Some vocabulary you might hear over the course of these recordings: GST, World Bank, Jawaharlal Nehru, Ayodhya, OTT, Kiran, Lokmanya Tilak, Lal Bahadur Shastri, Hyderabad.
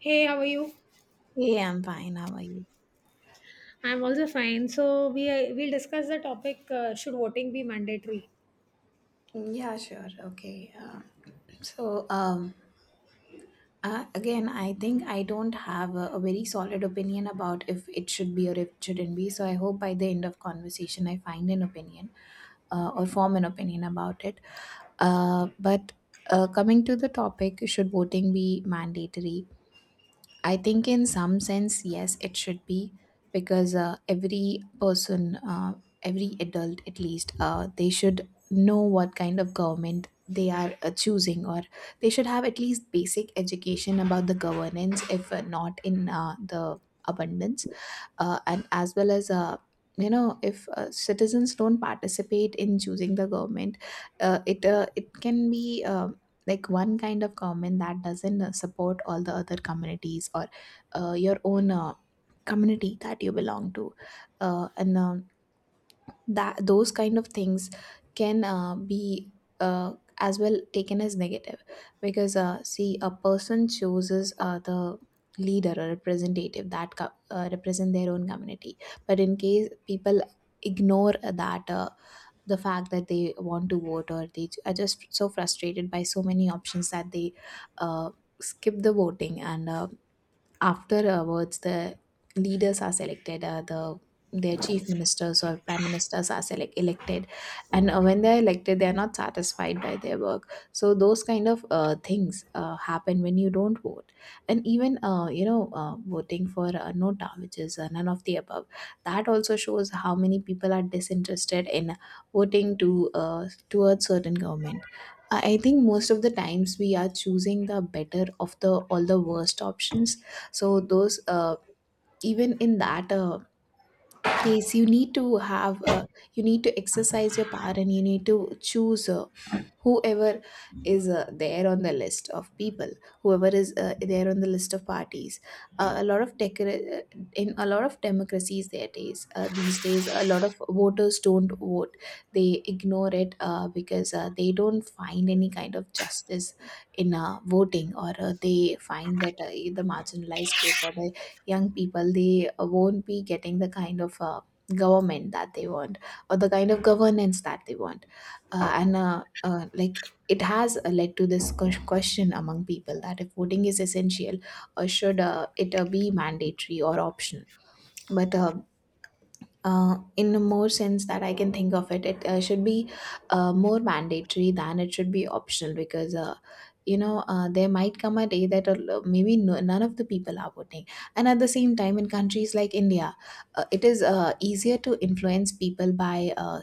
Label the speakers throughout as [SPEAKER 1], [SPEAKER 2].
[SPEAKER 1] Hey, how are you?
[SPEAKER 2] Yeah, I'm fine. How are you?
[SPEAKER 1] I'm also fine. So we'll discuss the topic. Should voting be mandatory?
[SPEAKER 2] Yeah, sure. Okay. So, um, again, I think I don't have a very solid opinion about if it should be or if it shouldn't be. So, I hope by the end of conversation, I find an opinion or form an opinion about it. But coming to the topic, should voting be mandatory? I think, in some sense, yes, it should be, because every person, every adult, at least, they should know what kind of government they are choosing, or they should have at least basic education about the governance, if not in the abundance. And as well, as if citizens don't participate in choosing the government, it can be like one kind of government that doesn't support all the other communities, or your own community that you belong to. And That, those kind of things can be uh, as well taken as negative, because see, a person chooses the leader or representative that represent their own community. But in case people ignore that, the fact that they want to vote, or they are just so frustrated by so many options that they uh, skip the voting, and afterwards the leaders are selected, their chief ministers or prime ministers are elected. And when they're elected, they're not satisfied by their work, so those kind of things happen when you don't vote. And even voting for nota, which is none of the above, that also shows how many people are disinterested in voting to towards certain government. I think most of the times we are choosing the better of the all the worst options. So those, even in that case, you need to have you need to exercise your power, and you need to choose whoever is there on the list of people, whoever is there on the list of parties. A lot of decor- In a lot of democracies there days these days, a lot of voters don't vote. They ignore it because they don't find any kind of justice in voting, or they find that the marginalized group, or the young people, they won't be getting the kind of government that they want, or the kind of governance that they want. And Like, it has led to this question among people, that if voting is essential, or should it be mandatory or optional. But in a more sense that I can think of it, it should be more mandatory than it should be optional, because, there might come a day that maybe, no, none of the people are voting. And at the same time, in countries like India, it is easier to influence people by uh,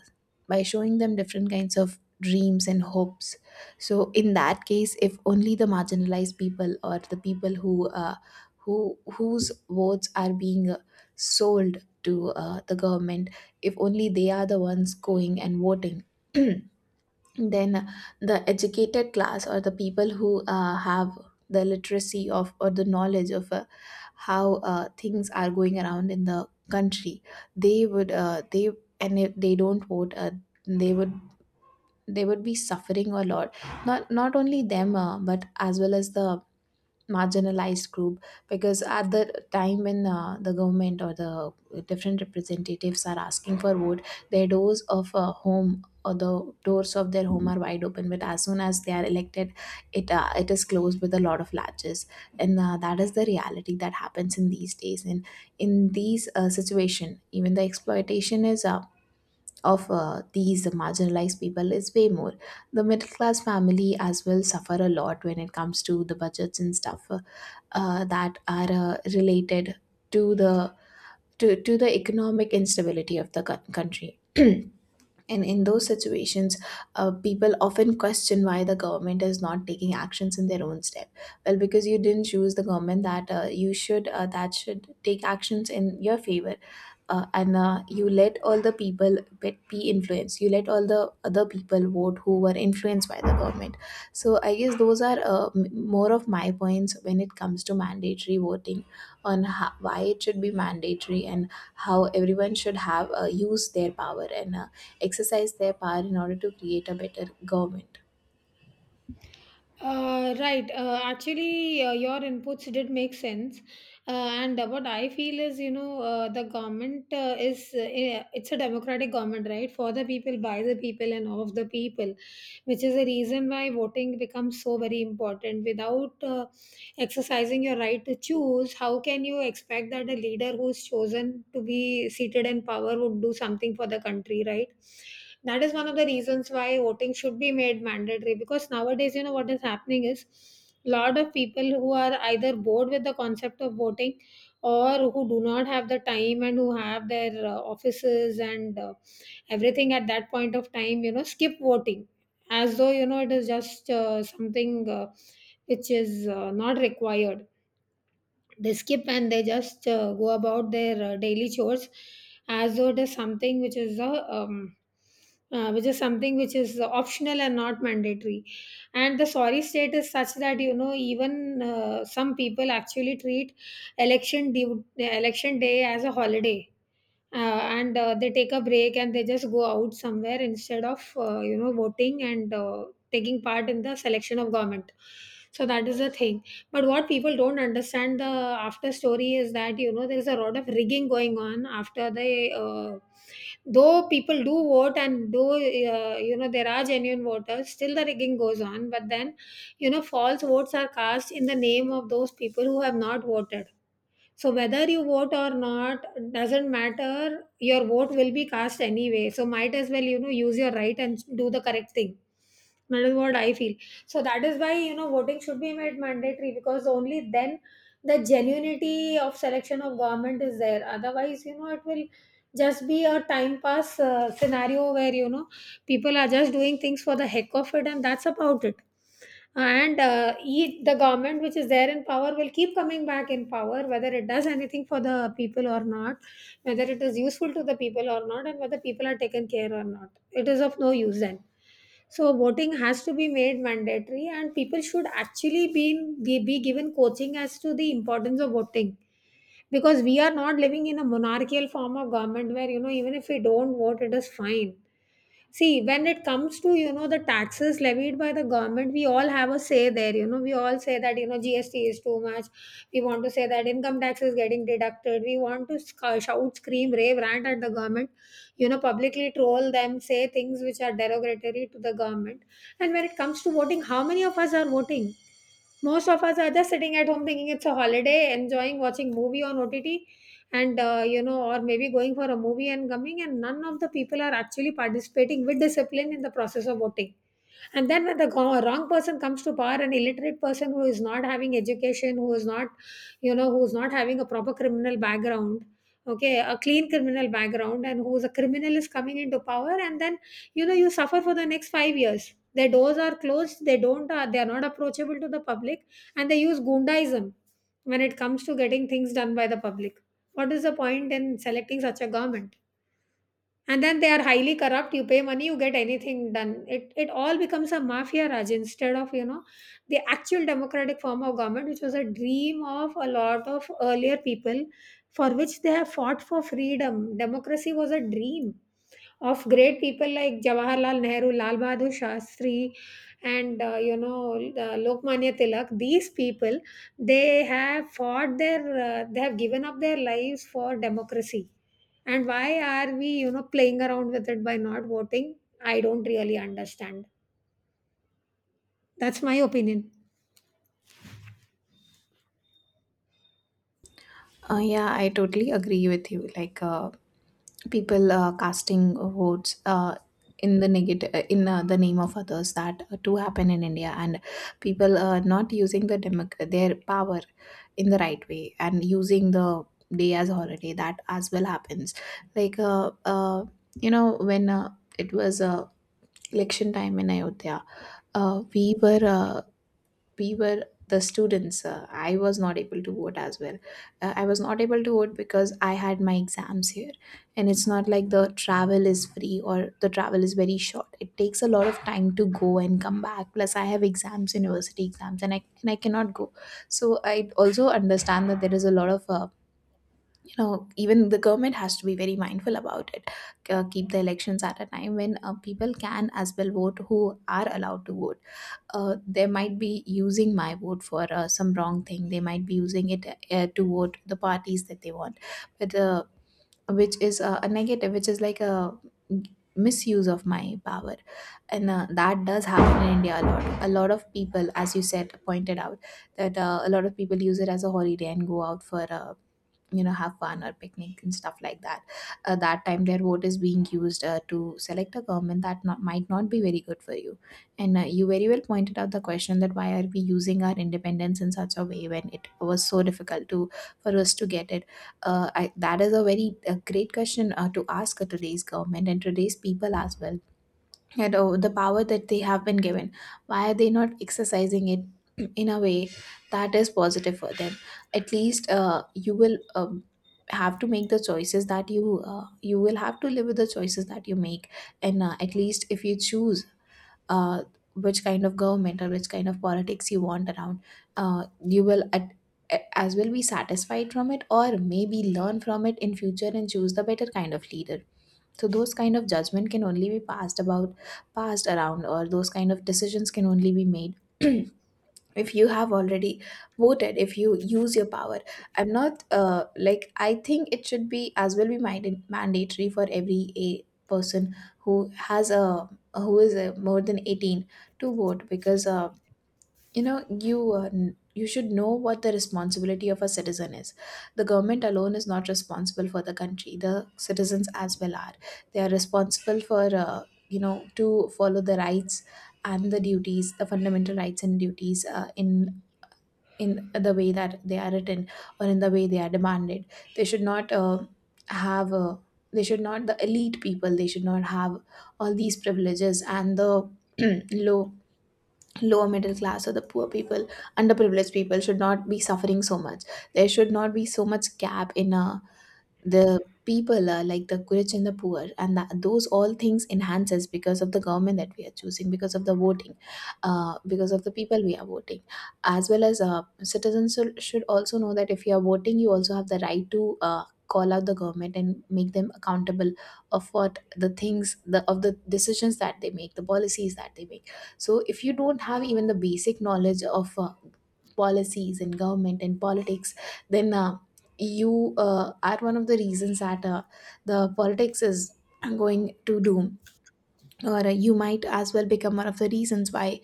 [SPEAKER 2] by showing them different kinds of dreams and hopes. So in that case, if only the marginalized people, or the people whose votes are being sold to the government, if only they are the ones going and voting, then the educated class, or the people who have the literacy of, or the knowledge of how things are going around in the country, they would they and if they don't vote, they would they would be suffering a lot, not only them, but as well as the marginalized group. Because at the time when the government, or the different representatives, are asking for vote, their doors of home, or the doors of their home, are wide open, but as soon as they are elected, it is closed with a lot of latches. And that is the reality that happens in these days, and in these situation, even the exploitation is, of these marginalized people, is way more. The middle class family as well suffer a lot when it comes to the budgets and stuff that are related to the to the economic instability of the country. And in those situations, people often question why the government is not taking actions in their own steps. Well, because you didn't choose the government that, you should that should take actions in your favor, and you let all the people be influenced, you let all the other people vote who were influenced by the government. So I guess those are more of my points when it comes to mandatory voting, why it should be mandatory, and how everyone should have use their power, and exercise their power in order to create a better government.
[SPEAKER 1] Right. Actually, your inputs did make sense, and what I feel is, you know, the government, it's a democratic government, right? For the people, by the people, and of the people, which is the reason why voting becomes so very important. Without exercising your right to choose, how can you expect that a leader who's chosen to be seated in power would do something for the country, right? That is one of the reasons why voting should be made mandatory, because nowadays, you know, what is happening is lot of people who are either bored with the concept of voting or who do not have the time and who have their offices and everything at that point of time, you know, skip voting as though, you know, it is just something which is not required. They skip and they just go about their daily chores as though it is something which is a um, which is something which is optional and not mandatory. And the sorry state is such that, you know, even some people actually treat election day as a holiday, uh, and they take a break and they just go out somewhere instead of you know, voting and taking part in the selection of government. So that is the thing. But what people don't understand, the after story is that, you know, there is a lot of rigging going on after they though people do vote, and though, you know, there are genuine voters, still the rigging goes on. But then, you know, false votes are cast in the name of those people who have not voted. So whether you vote or not doesn't matter. Your vote will be cast anyway. So might as well, you know, use your right and do the correct thing. That is what I feel. So that is why, you know, voting should be made mandatory, because only then the genuinity of selection of government is there. Otherwise, you know, it will just be a time pass scenario where, you know, people are just doing things for the heck of it, and that's about it. And the government which is there in power will keep coming back in power, whether it does anything for the people or not, whether it is useful to the people or not, and whether people are taken care or not, it is of no use then. So voting has to be made mandatory, and people should actually be given coaching as to the importance of voting, because we are not living in a monarchical form of government where, you know, even if we don't vote, it is fine. See, when it comes to, you know, the taxes levied by the government, we all have a say there. You know, we all say that, you know, GST is too much. We want to say that income tax is getting deducted. We want to shout, scream, rave, rant at the government, you know, publicly troll them, say things which are derogatory to the government. And when it comes to voting, how many of us are voting? Most of us are just sitting at home thinking it's a holiday, enjoying watching movie on OTT, and you know, or maybe going for a movie and coming, and none of the people are actually participating with discipline in the process of voting. And then when the wrong person comes to power, an illiterate person who is not having education, who is not, you know, who is not having a proper criminal background, okay, a clean criminal background, and who is a criminal is coming into power, and then, you know, you suffer for the next five years. Their doors are closed, they don't they are not approachable to the public, and they use gundaism when it comes to getting things done by the public. What is the point in selecting such a government? And then they are highly corrupt. You pay money, you get anything done. It all becomes a mafia raj instead of, you know, the actual democratic form of government, which was a dream of a lot of earlier people, for which they have fought for freedom. Democracy was a dream of great people like Jawaharlal Nehru, Lal Bahadur Shastri, and you know, Lokmanya Tilak. These people, they have fought their, they have given up their lives for democracy. And why are we, you know, playing around with it by not voting? I don't really understand. That's my opinion.
[SPEAKER 2] Yeah, I totally agree with you. Like, people casting votes in the negative, in the name of others, that do happen in India, and people not using the their power in the right way, and using the day as holiday, that as well happens. Like, when it was election time in Ayodhya, uh, we were uh, we were the students, I was not able to vote as well. I was not able to vote because I had my exams here, and it's not like the travel is free, or the travel is very short. It takes a lot of time to go and come back, plus I have exams, university exams, and I cannot go. So I also understand that there is a lot of, even the government has to be very mindful about it, keep the elections at a time when people can as well vote who are allowed to vote. They might be using my vote for some wrong thing. They might be using it to vote the parties that they want, but which is a negative, which is like a misuse of my power, and that does happen in India a lot. A lot of people, as you said, pointed out that a lot of people use it as a holiday and go out for, have fun or picnic and stuff like that. That time their vote is being used to select a government that not, might not be very good for you. And you very well pointed out the question, that why are we using our independence in such a way when it was so difficult to for us to get it. That is a very great question to ask today's government and today's people as well. And, oh, the power that they have been given, why are they not exercising it in a way that is positive for them? At least you will, have to make the choices that you will have to live with the choices that you make. And at least if you choose uh, which kind of government or which kind of politics you want around, you will as well be satisfied from it, or maybe learn from it in future and choose the better kind of leader. So those kind of judgment can only be passed about, passed around or those kind of decisions can only be made if you have already voted, if you use your power. I'm not Like, I think it should be as well be mandatory for every, a person, who has a who is more than 18 to vote, because you should know what the responsibility of a citizen is. The government alone is not responsible for the country, the citizens as well are. They are responsible for, to follow the rights and the duties, the fundamental rights and duties, in the way that they are written, or in the way they are demanded. They should not have uh, the elite people they should not have all these privileges, and the low lower middle class, or the poor people, underprivileged people, should not be suffering so much. There should not be so much gap in a the people are like the rich and the poor, and those all things enhances because of the government that we are choosing, because of the voting, because of the people we are voting. As well as, citizens should also know that if you are voting, you also have the right to call out the government and make them accountable of what the things the of the decisions that they make, the policies that they make. So if you don't have even the basic knowledge of policies and government and politics, then you are one of the reasons that the politics is going to doom, or you might as well become one of the reasons why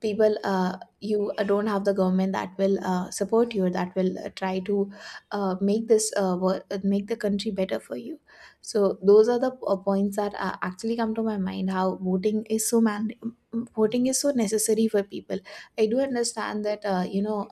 [SPEAKER 2] people you don't have the government that will support you, or that will try to make make the country better for you. So those are the points that actually come to my mind, how voting is so man voting is so necessary for people. I do understand that uh, you know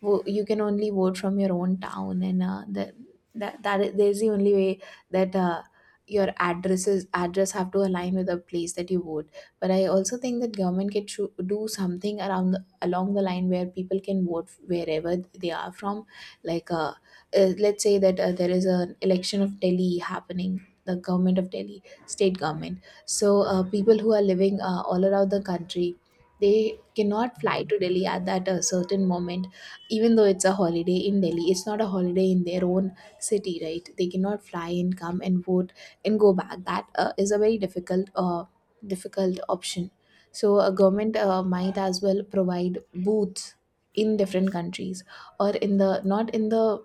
[SPEAKER 2] wo- you can only vote from your own town, and there's the only way that your address have to align with the place that you vote. But I also think that government can do something around along the line where people can vote wherever they are from. Like let's say that there is an election of Delhi happening, the government of Delhi, state government. So people who are living all around the country, they cannot fly to Delhi at that certain moment. Even though it's a holiday in Delhi, it's not a holiday in their own city, right? They cannot fly and come and vote and go back. That is a very difficult option. So a government might as well provide booths in different countries, or in the not in the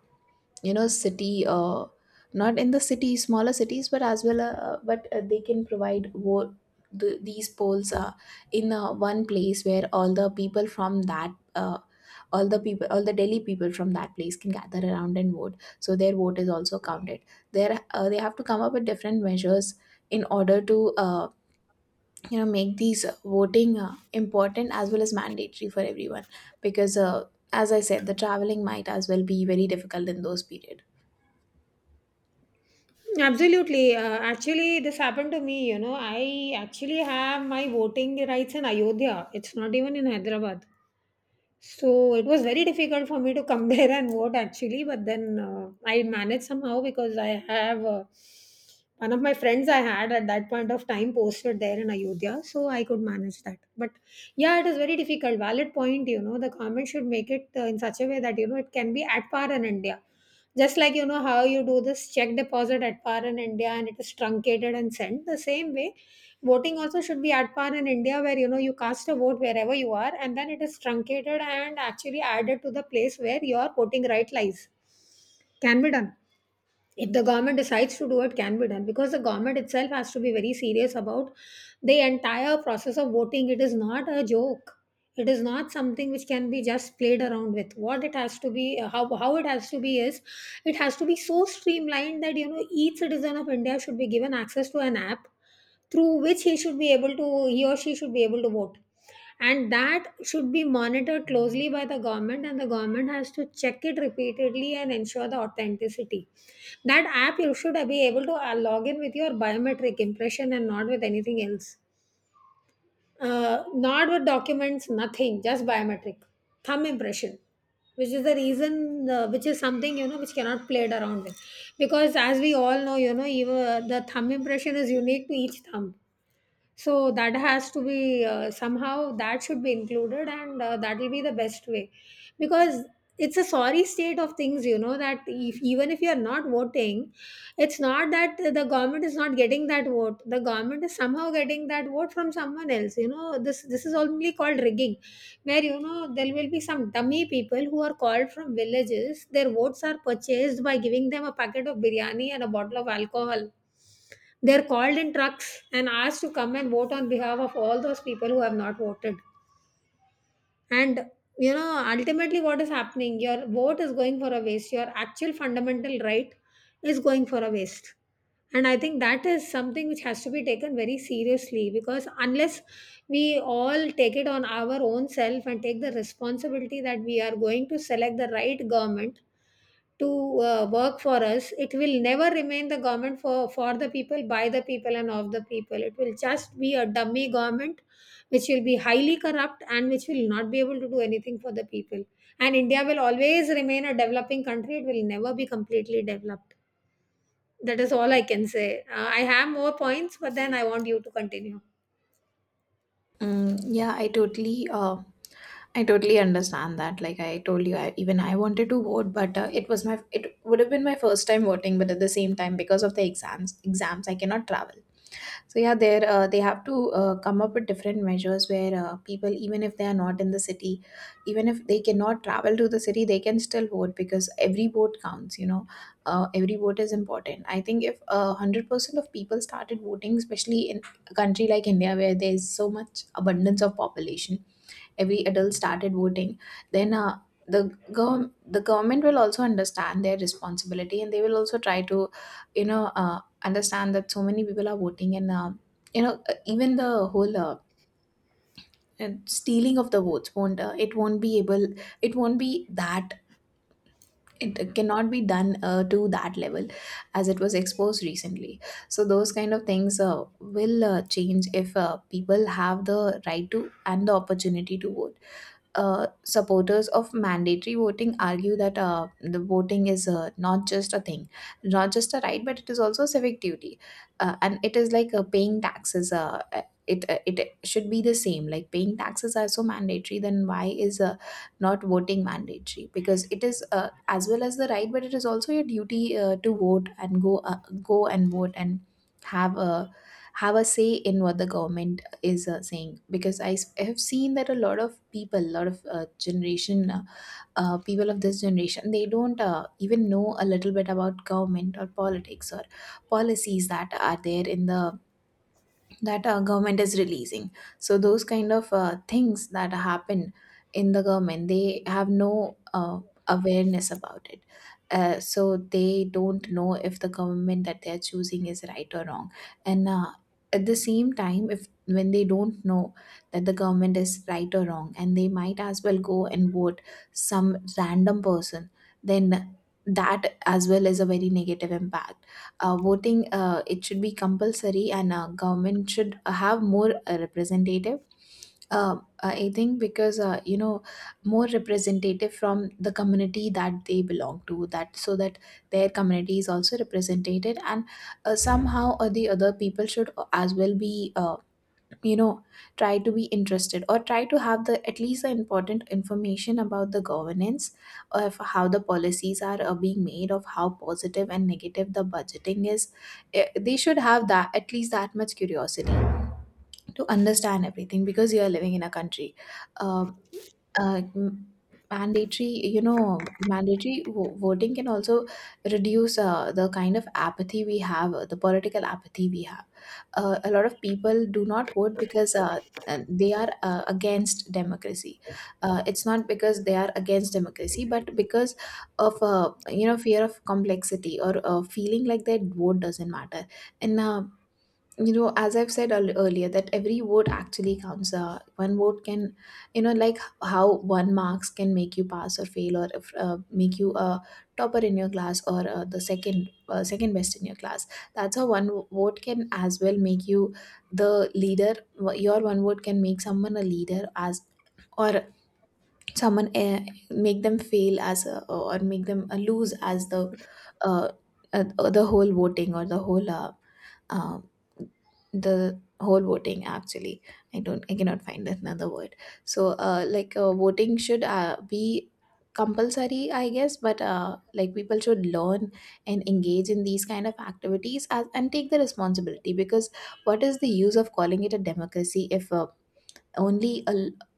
[SPEAKER 2] you know city not in the city, smaller cities, but as well, but they can provide these polls in one place where all the people from that all the people all the Delhi people from that place can gather around and vote, so their vote is also counted there. They have to come up with different measures in order to make these voting important as well as mandatory for everyone, because as I said, the traveling might as well be very difficult in those period.
[SPEAKER 1] Absolutely. Actually, this happened to me. You know, I actually have my voting rights in Ayodhya. It's not even in Hyderabad. So it was very difficult for me to come there and vote actually, but then I managed somehow, because I have one of my friends I had at that point of time posted there in Ayodhya, so I could manage that. But yeah, it is very difficult. Valid point, you know, the government should make it in such a way that, you know, it can be at par in India. Just like, you know, how you do this check deposit at par in India and it is truncated and sent the same way. Voting also should be at par in India, where, you know, you cast a vote wherever you are, and then it is truncated and actually added to the place where your voting right lies. Can be done. If the government decides to do it, can be done, because the government itself has to be very serious about the entire process of voting. It is not a joke. It is not something which can be just played around with. What it has to be, how it has to be is, it has to be so streamlined that, you know, each citizen of India should be given access to an app through which he or she should be able to vote, and that should be monitored closely by the government, and the government has to check it repeatedly and ensure the authenticity. That app, you should be able to log in with your biometric impression and not with anything else, not with documents, nothing, just biometric thumb impression, which is the reason, which is something, you know, which cannot played around with, because as we all know, you know, even the thumb impression is unique to each thumb. So that has to be somehow that should be included, and that will be the best way. Because it's a sorry state of things, you know, that if, even if you are not voting, it's not that the government is not getting that vote. The government is somehow getting that vote from someone else. You know, this is only called rigging, where, you know, there will be some dummy people who are called from villages, their votes are purchased by giving them a packet of biryani and a bottle of alcohol. They're called in trucks and asked to come and vote on behalf of all those people who have not voted. And you know, ultimately, what is happening? Your vote is going for a waste. Your actual fundamental right is going for a waste. And I think that is something which has to be taken very seriously, because unless we all take it on our own self and take the responsibility that we are going to select the right government to work for us, it will never remain the government for the people, by the people, and of the people. It will just be a dummy government which will be highly corrupt and which will not be able to do anything for the people. And India will always remain a developing country, it will never be completely developed. That is all I can say. I have more points, but then I want you to continue.
[SPEAKER 2] Mm, yeah, I totally understand that. Like I told you, even I wanted to vote, but it would have been my first time voting. But at the same time, because of the exams, I cannot travel. So yeah, there they have to come up with different measures where people, even if they are not in the city, even if they cannot travel to the city, they can still vote, because every vote counts. You know, every vote is important. I think if 100% of people started voting, especially in a country like India where there is so much abundance of population, every adult started voting, then the government will also understand their responsibility, and they will also try to understand that so many people are voting, and even the whole stealing of the votes won't it won't be able it won't be that it cannot be done to that level, as it was exposed recently. So those kind of things will change if people have the right to and the opportunity to vote. Supporters of mandatory voting argue that the voting is not just a right, but it is also a civic duty, and it is like paying taxes. It should be the same. Like, paying taxes are so mandatory, then why is not voting mandatory? Because it is as well as the right, but it is also your duty to vote and go and vote and have a have a say in what the government is saying, because I have seen that a lot of people, a lot of generation people of this generation, they don't even know a little bit about government or politics or policies that are there in the that government is releasing. So those kind of things that happen in the government, they have no awareness about it. So they don't know if the government that they are choosing is right or wrong. And at the same time, if when they don't know that the government is right or wrong, and they might as well go and vote some random person, then that as well is a very negative impact. Voting, it should be compulsory, and government should have more representative, uh, I think, because more representative from the community that they belong to, that so that their community is also represented. And somehow or the other, people should as well be you know try to be interested, or try to have the at least the important information about the governance, of how the policies are being made, of how positive and negative the budgeting is. Eh, they should have that at least that much curiosity to understand everything, because you are living in a country. uh, uh, m- Mandatory, you know, voting can also reduce the kind of apathy we have, the political apathy we have. A lot of people do not vote because they are against democracy. It's not because they are against democracy, but because of fear of complexity, or feeling like their vote doesn't matter. And as I've earlier, that every vote actually counts. One vote can, like how one marks can make you pass or fail, or if, make you a topper in your class, or the second second best in your class. That's how one vote can as well make you the leader. Your one vote can make someone a leader, as or someone, make them fail as a, or make them lose as uh, the whole voting or uh, the whole voting, actually. I don't I cannot find another word. So like, voting should be compulsory, I guess. But like, people should learn and engage in these kind of and take the responsibility, because what is the use of calling it a democracy if only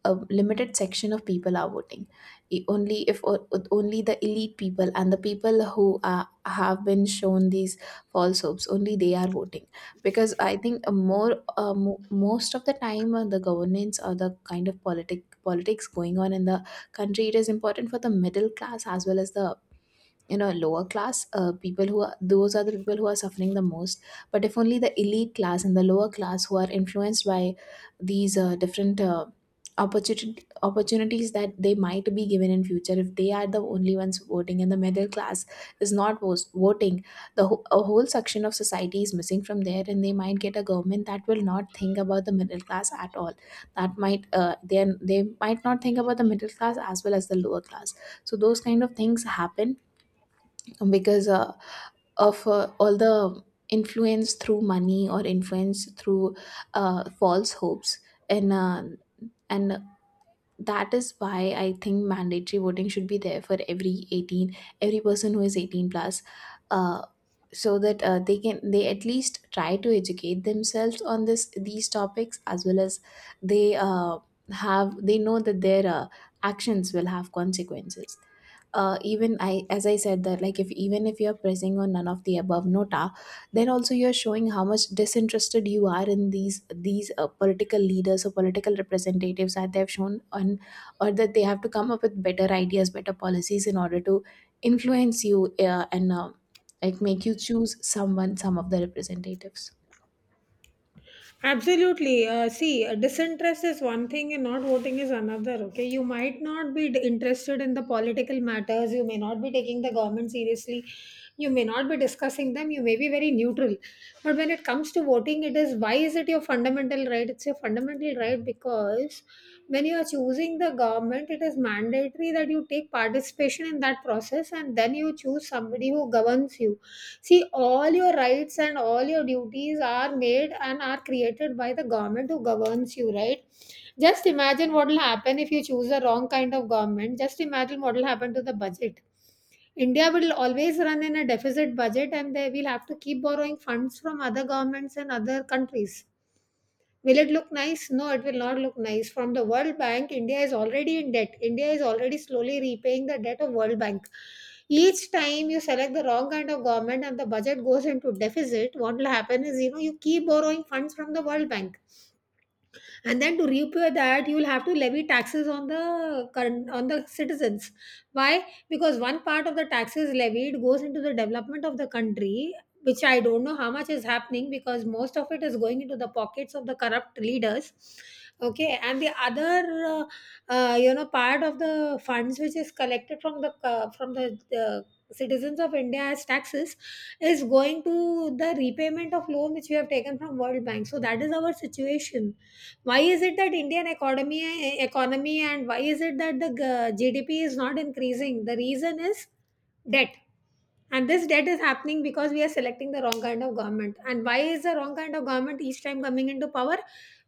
[SPEAKER 2] a limited section of people are voting? Only if only the elite people and the people who have been shown these false hopes, only they are voting. Because I think most of the time, the governance, or the kind of politics going on in the country, it is important for the middle class as well as the, lower class people. Who are Those are the people who are suffering the most. But if only the elite class and the lower class, who are influenced by these different opportunity opportunities that they might be given in future, if they are the only ones voting and the middle class is not vos- voting, a whole section of society is missing from there, and they might get a government that will not think about the middle class at all. That might Then they might not think about the middle class as well as the lower class. So those kind of things happen because of all the influence through money, or influence through false hopes. And uh, and that is why I think mandatory voting should be there for every 18, every person who is 18 plus, uh, so that they can they at least try to educate themselves on this these topics, as well as they uh, they know that their actions will have consequences. Even as I said that, like, if even if you're pressing on none of the above, NOTA, then also you're showing how much disinterested you are in these political leaders or political representatives that they have or that they have to come up with better ideas, better policies in order to influence you and. It make you choose someone, some of the representatives.
[SPEAKER 1] Absolutely. See, disinterest is one thing and not voting is another. Okay. You might not be interested in the political matters. You may not be taking the government seriously. You may not be discussing them. You may be very neutral. But when it comes to voting, it is, why is it your fundamental right? It's your fundamental right because when you are choosing the government, it is mandatory that you take participation in that process, and then you choose somebody who governs you. See, all your rights and all your duties are made and are created by the government who governs you, right? Just imagine what will happen if you choose the wrong kind of government. Just imagine what will happen to the budget. India will always run in a deficit budget and they will have to keep borrowing funds from other governments and other countries. Will it look nice? No, it will not look nice. From the World Bank, India is already in debt. India is already slowly repaying the debt of World Bank. Each time you select the wrong kind of government and the budget goes into deficit, what will happen is you know you keep borrowing funds from the World Bank, and then to repay that you will have to levy taxes on the current on the citizens. Why? Because one part of the taxes levied goes into the development of the country, which I don't know how much is happening because most of it is going into the pockets of the corrupt leaders. Okay, and the other uh, you know part of the funds which is collected from the from the citizens of India as taxes is going to the repayment of loan which we have taken from World Bank. So that is our situation. Why is it that Indian economy, and why is it that the GDP is not increasing? The reason is debt. And this debt is happening because we are selecting the wrong kind of government. And why is the wrong kind of government each time coming into power?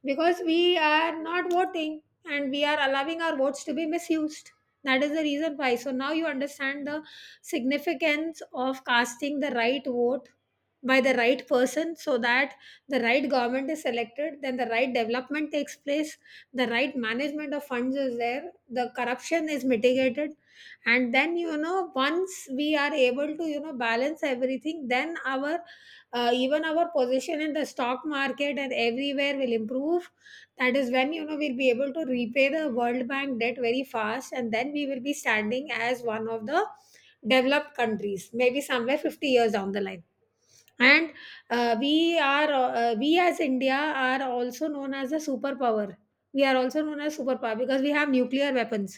[SPEAKER 1] Because we are not voting and we are allowing our votes to be misused. That is the reason why. So now you understand the significance of casting the right vote by the right person, so that the right government is selected, then the right development takes place, the right management of funds is there, the corruption is mitigated, and then you know once we are able to you know balance everything, then our even our position in the stock market and everywhere will improve. That is when you know we'll be able to repay the World Bank debt very fast, and then we will be standing as one of the developed countries maybe somewhere 50 years down the line. And we as India are also known as a superpower. We are also known as superpower because we have nuclear weapons.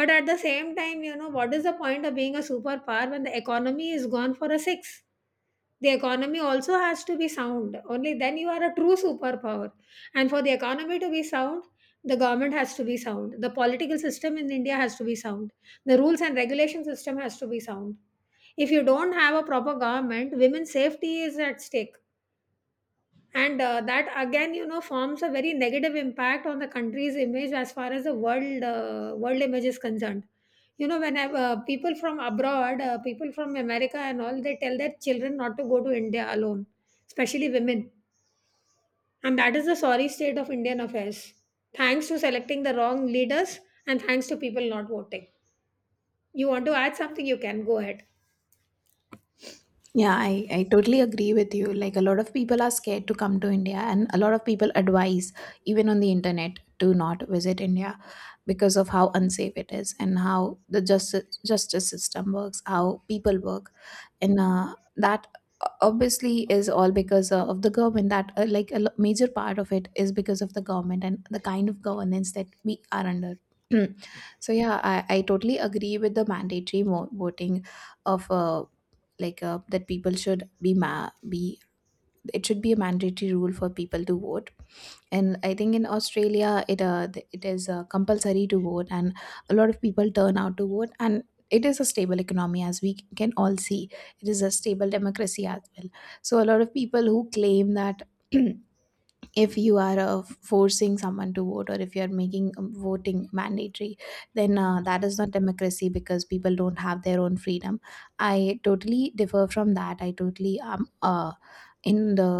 [SPEAKER 1] But at the same time, you know, what is the point of being a superpower when the economy is gone for a six? The economy also has to be sound, only then you are a true superpower. And for the economy to be sound, the government has to be sound, the political system in India has to be sound, the rules and regulation system has to be sound. If you don't have a proper government, women's safety is at stake. And that again, you know, forms a very negative impact on the country's image as far as the world image is concerned. You know, when people from abroad, people from America and all, they tell their children not to go to India alone, especially women. And that is the sorry state of Indian affairs, thanks to selecting the wrong leaders and thanks to people not voting. You want to add something, you can go ahead.
[SPEAKER 2] Yeah, I totally agree with you. Like, a lot of people are scared to come to India, and a lot of people advise, even on the internet, to not visit India, because of how unsafe it is, and how the justice system works, how people work. And that Obviously is all because of the government that like major part of it is because of the government and the kind of governance that we are under. So yeah, I totally agree with the mandatory voting of like that people should be ma- be it should be a mandatory rule for people to vote. And I think in Australia, it is compulsory to vote, and a lot of people turn out to vote, and it is a stable economy, as we can all see. It is a stable democracy as well. So a lot of people who claim that, if you are forcing someone to vote, or if you are making voting mandatory, then that is not democracy because people don't have their own freedom. I totally differ from that I totally am in the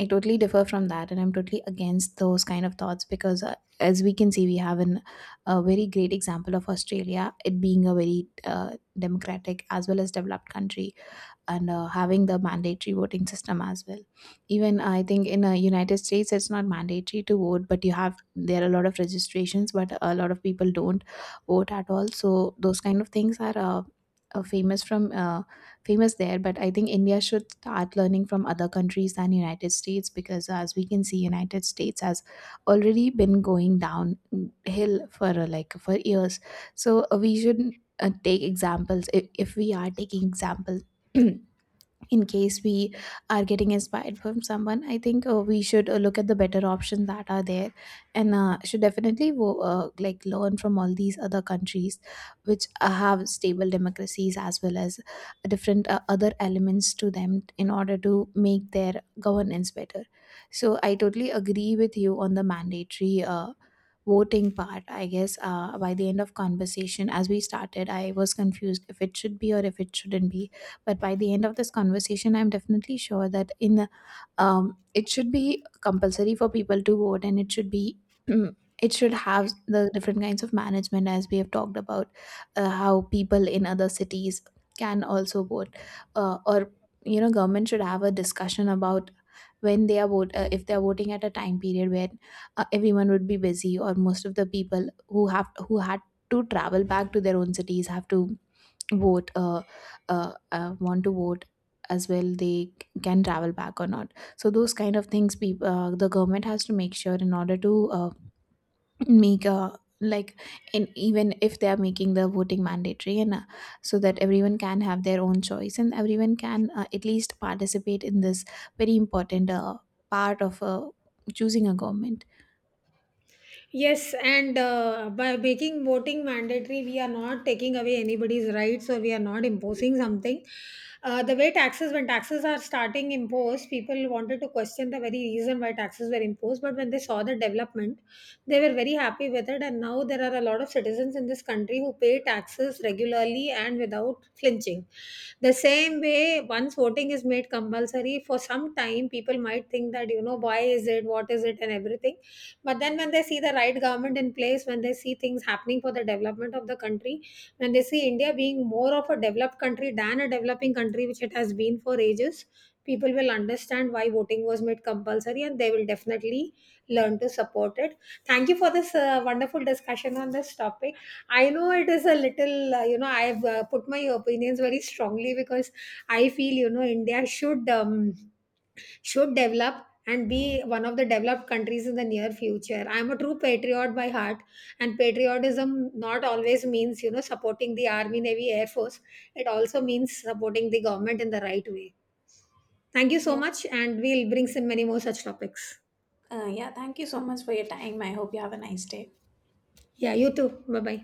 [SPEAKER 2] I totally differ from that, and I'm totally against those kind of thoughts, because as we can see, we have a very great example of Australia, it being a very democratic as well as developed country, and having the mandatory voting system as well. Even I think in United States it's not mandatory to vote, but you have there are a lot of registrations, but a lot of people don't vote at all. So those kind of things are uh, famous from uh, famous there. But I think India should start learning from other countries than United States, because as we can see, United States has already been going downhill for for years. So we should take examples. If we are taking example, in case we are getting inspired from someone, I think we should look at the better options that are there, and should definitely like learn from all these other countries which have stable democracies as well as different other elements to them, in order to make their governance better. So I totally agree with you on the mandatory voting part. I guess by the end of conversation, as we started, I was confused if it should be or if it shouldn't be, but by the end of this conversation, I'm definitely sure that in it should be compulsory for people to vote, and it should be, it should have the different kinds of management as we have talked about, how people in other cities can also vote, or you know government should have a discussion about when they are vote if they are voting at a time period where everyone would be busy, or most of the people who had to travel back to their own cities have to vote, want to vote as well, can travel back or not. So those kind of things, peop the government has to make sure, in order to make a, like, in even if they are making the voting mandatory, and so that everyone can have their own choice and everyone can at least participate in this very important part of choosing a government.
[SPEAKER 1] Yes, and by making voting mandatory, we are not taking away anybody's rights or we are not imposing something. The way taxes, when taxes are starting imposed, people wanted to question the very reason why taxes were imposed. But when they saw the development, they were very happy with it. And now there are a lot of citizens in this country who pay taxes regularly and without flinching. The same way, once voting is made compulsory, for some time people might think that, you know, why is it, what is it, and everything, but then when they see the right government in place, when they see things happening for the development of the country, when they see India being more of a developed country than a developing country, which it has been for ages, people will understand why voting was made compulsory and they will definitely learn to support it. Thank you for this wonderful discussion on this topic. I know it is a little, you know, I have put my opinions very strongly because I feel, you know, India should. Should develop and be one of the developed countries in the near future. I'm a true patriot by heart, and patriotism not always means, you know, supporting the Army, Navy, Air Force. It also means supporting the government in the right way. Thank you so
[SPEAKER 2] Yeah,
[SPEAKER 1] much, and we'll bring some many more such topics.
[SPEAKER 2] yeah. Thank you so much for your time. I hope you have a nice day.
[SPEAKER 1] Yeah, you too. Bye bye.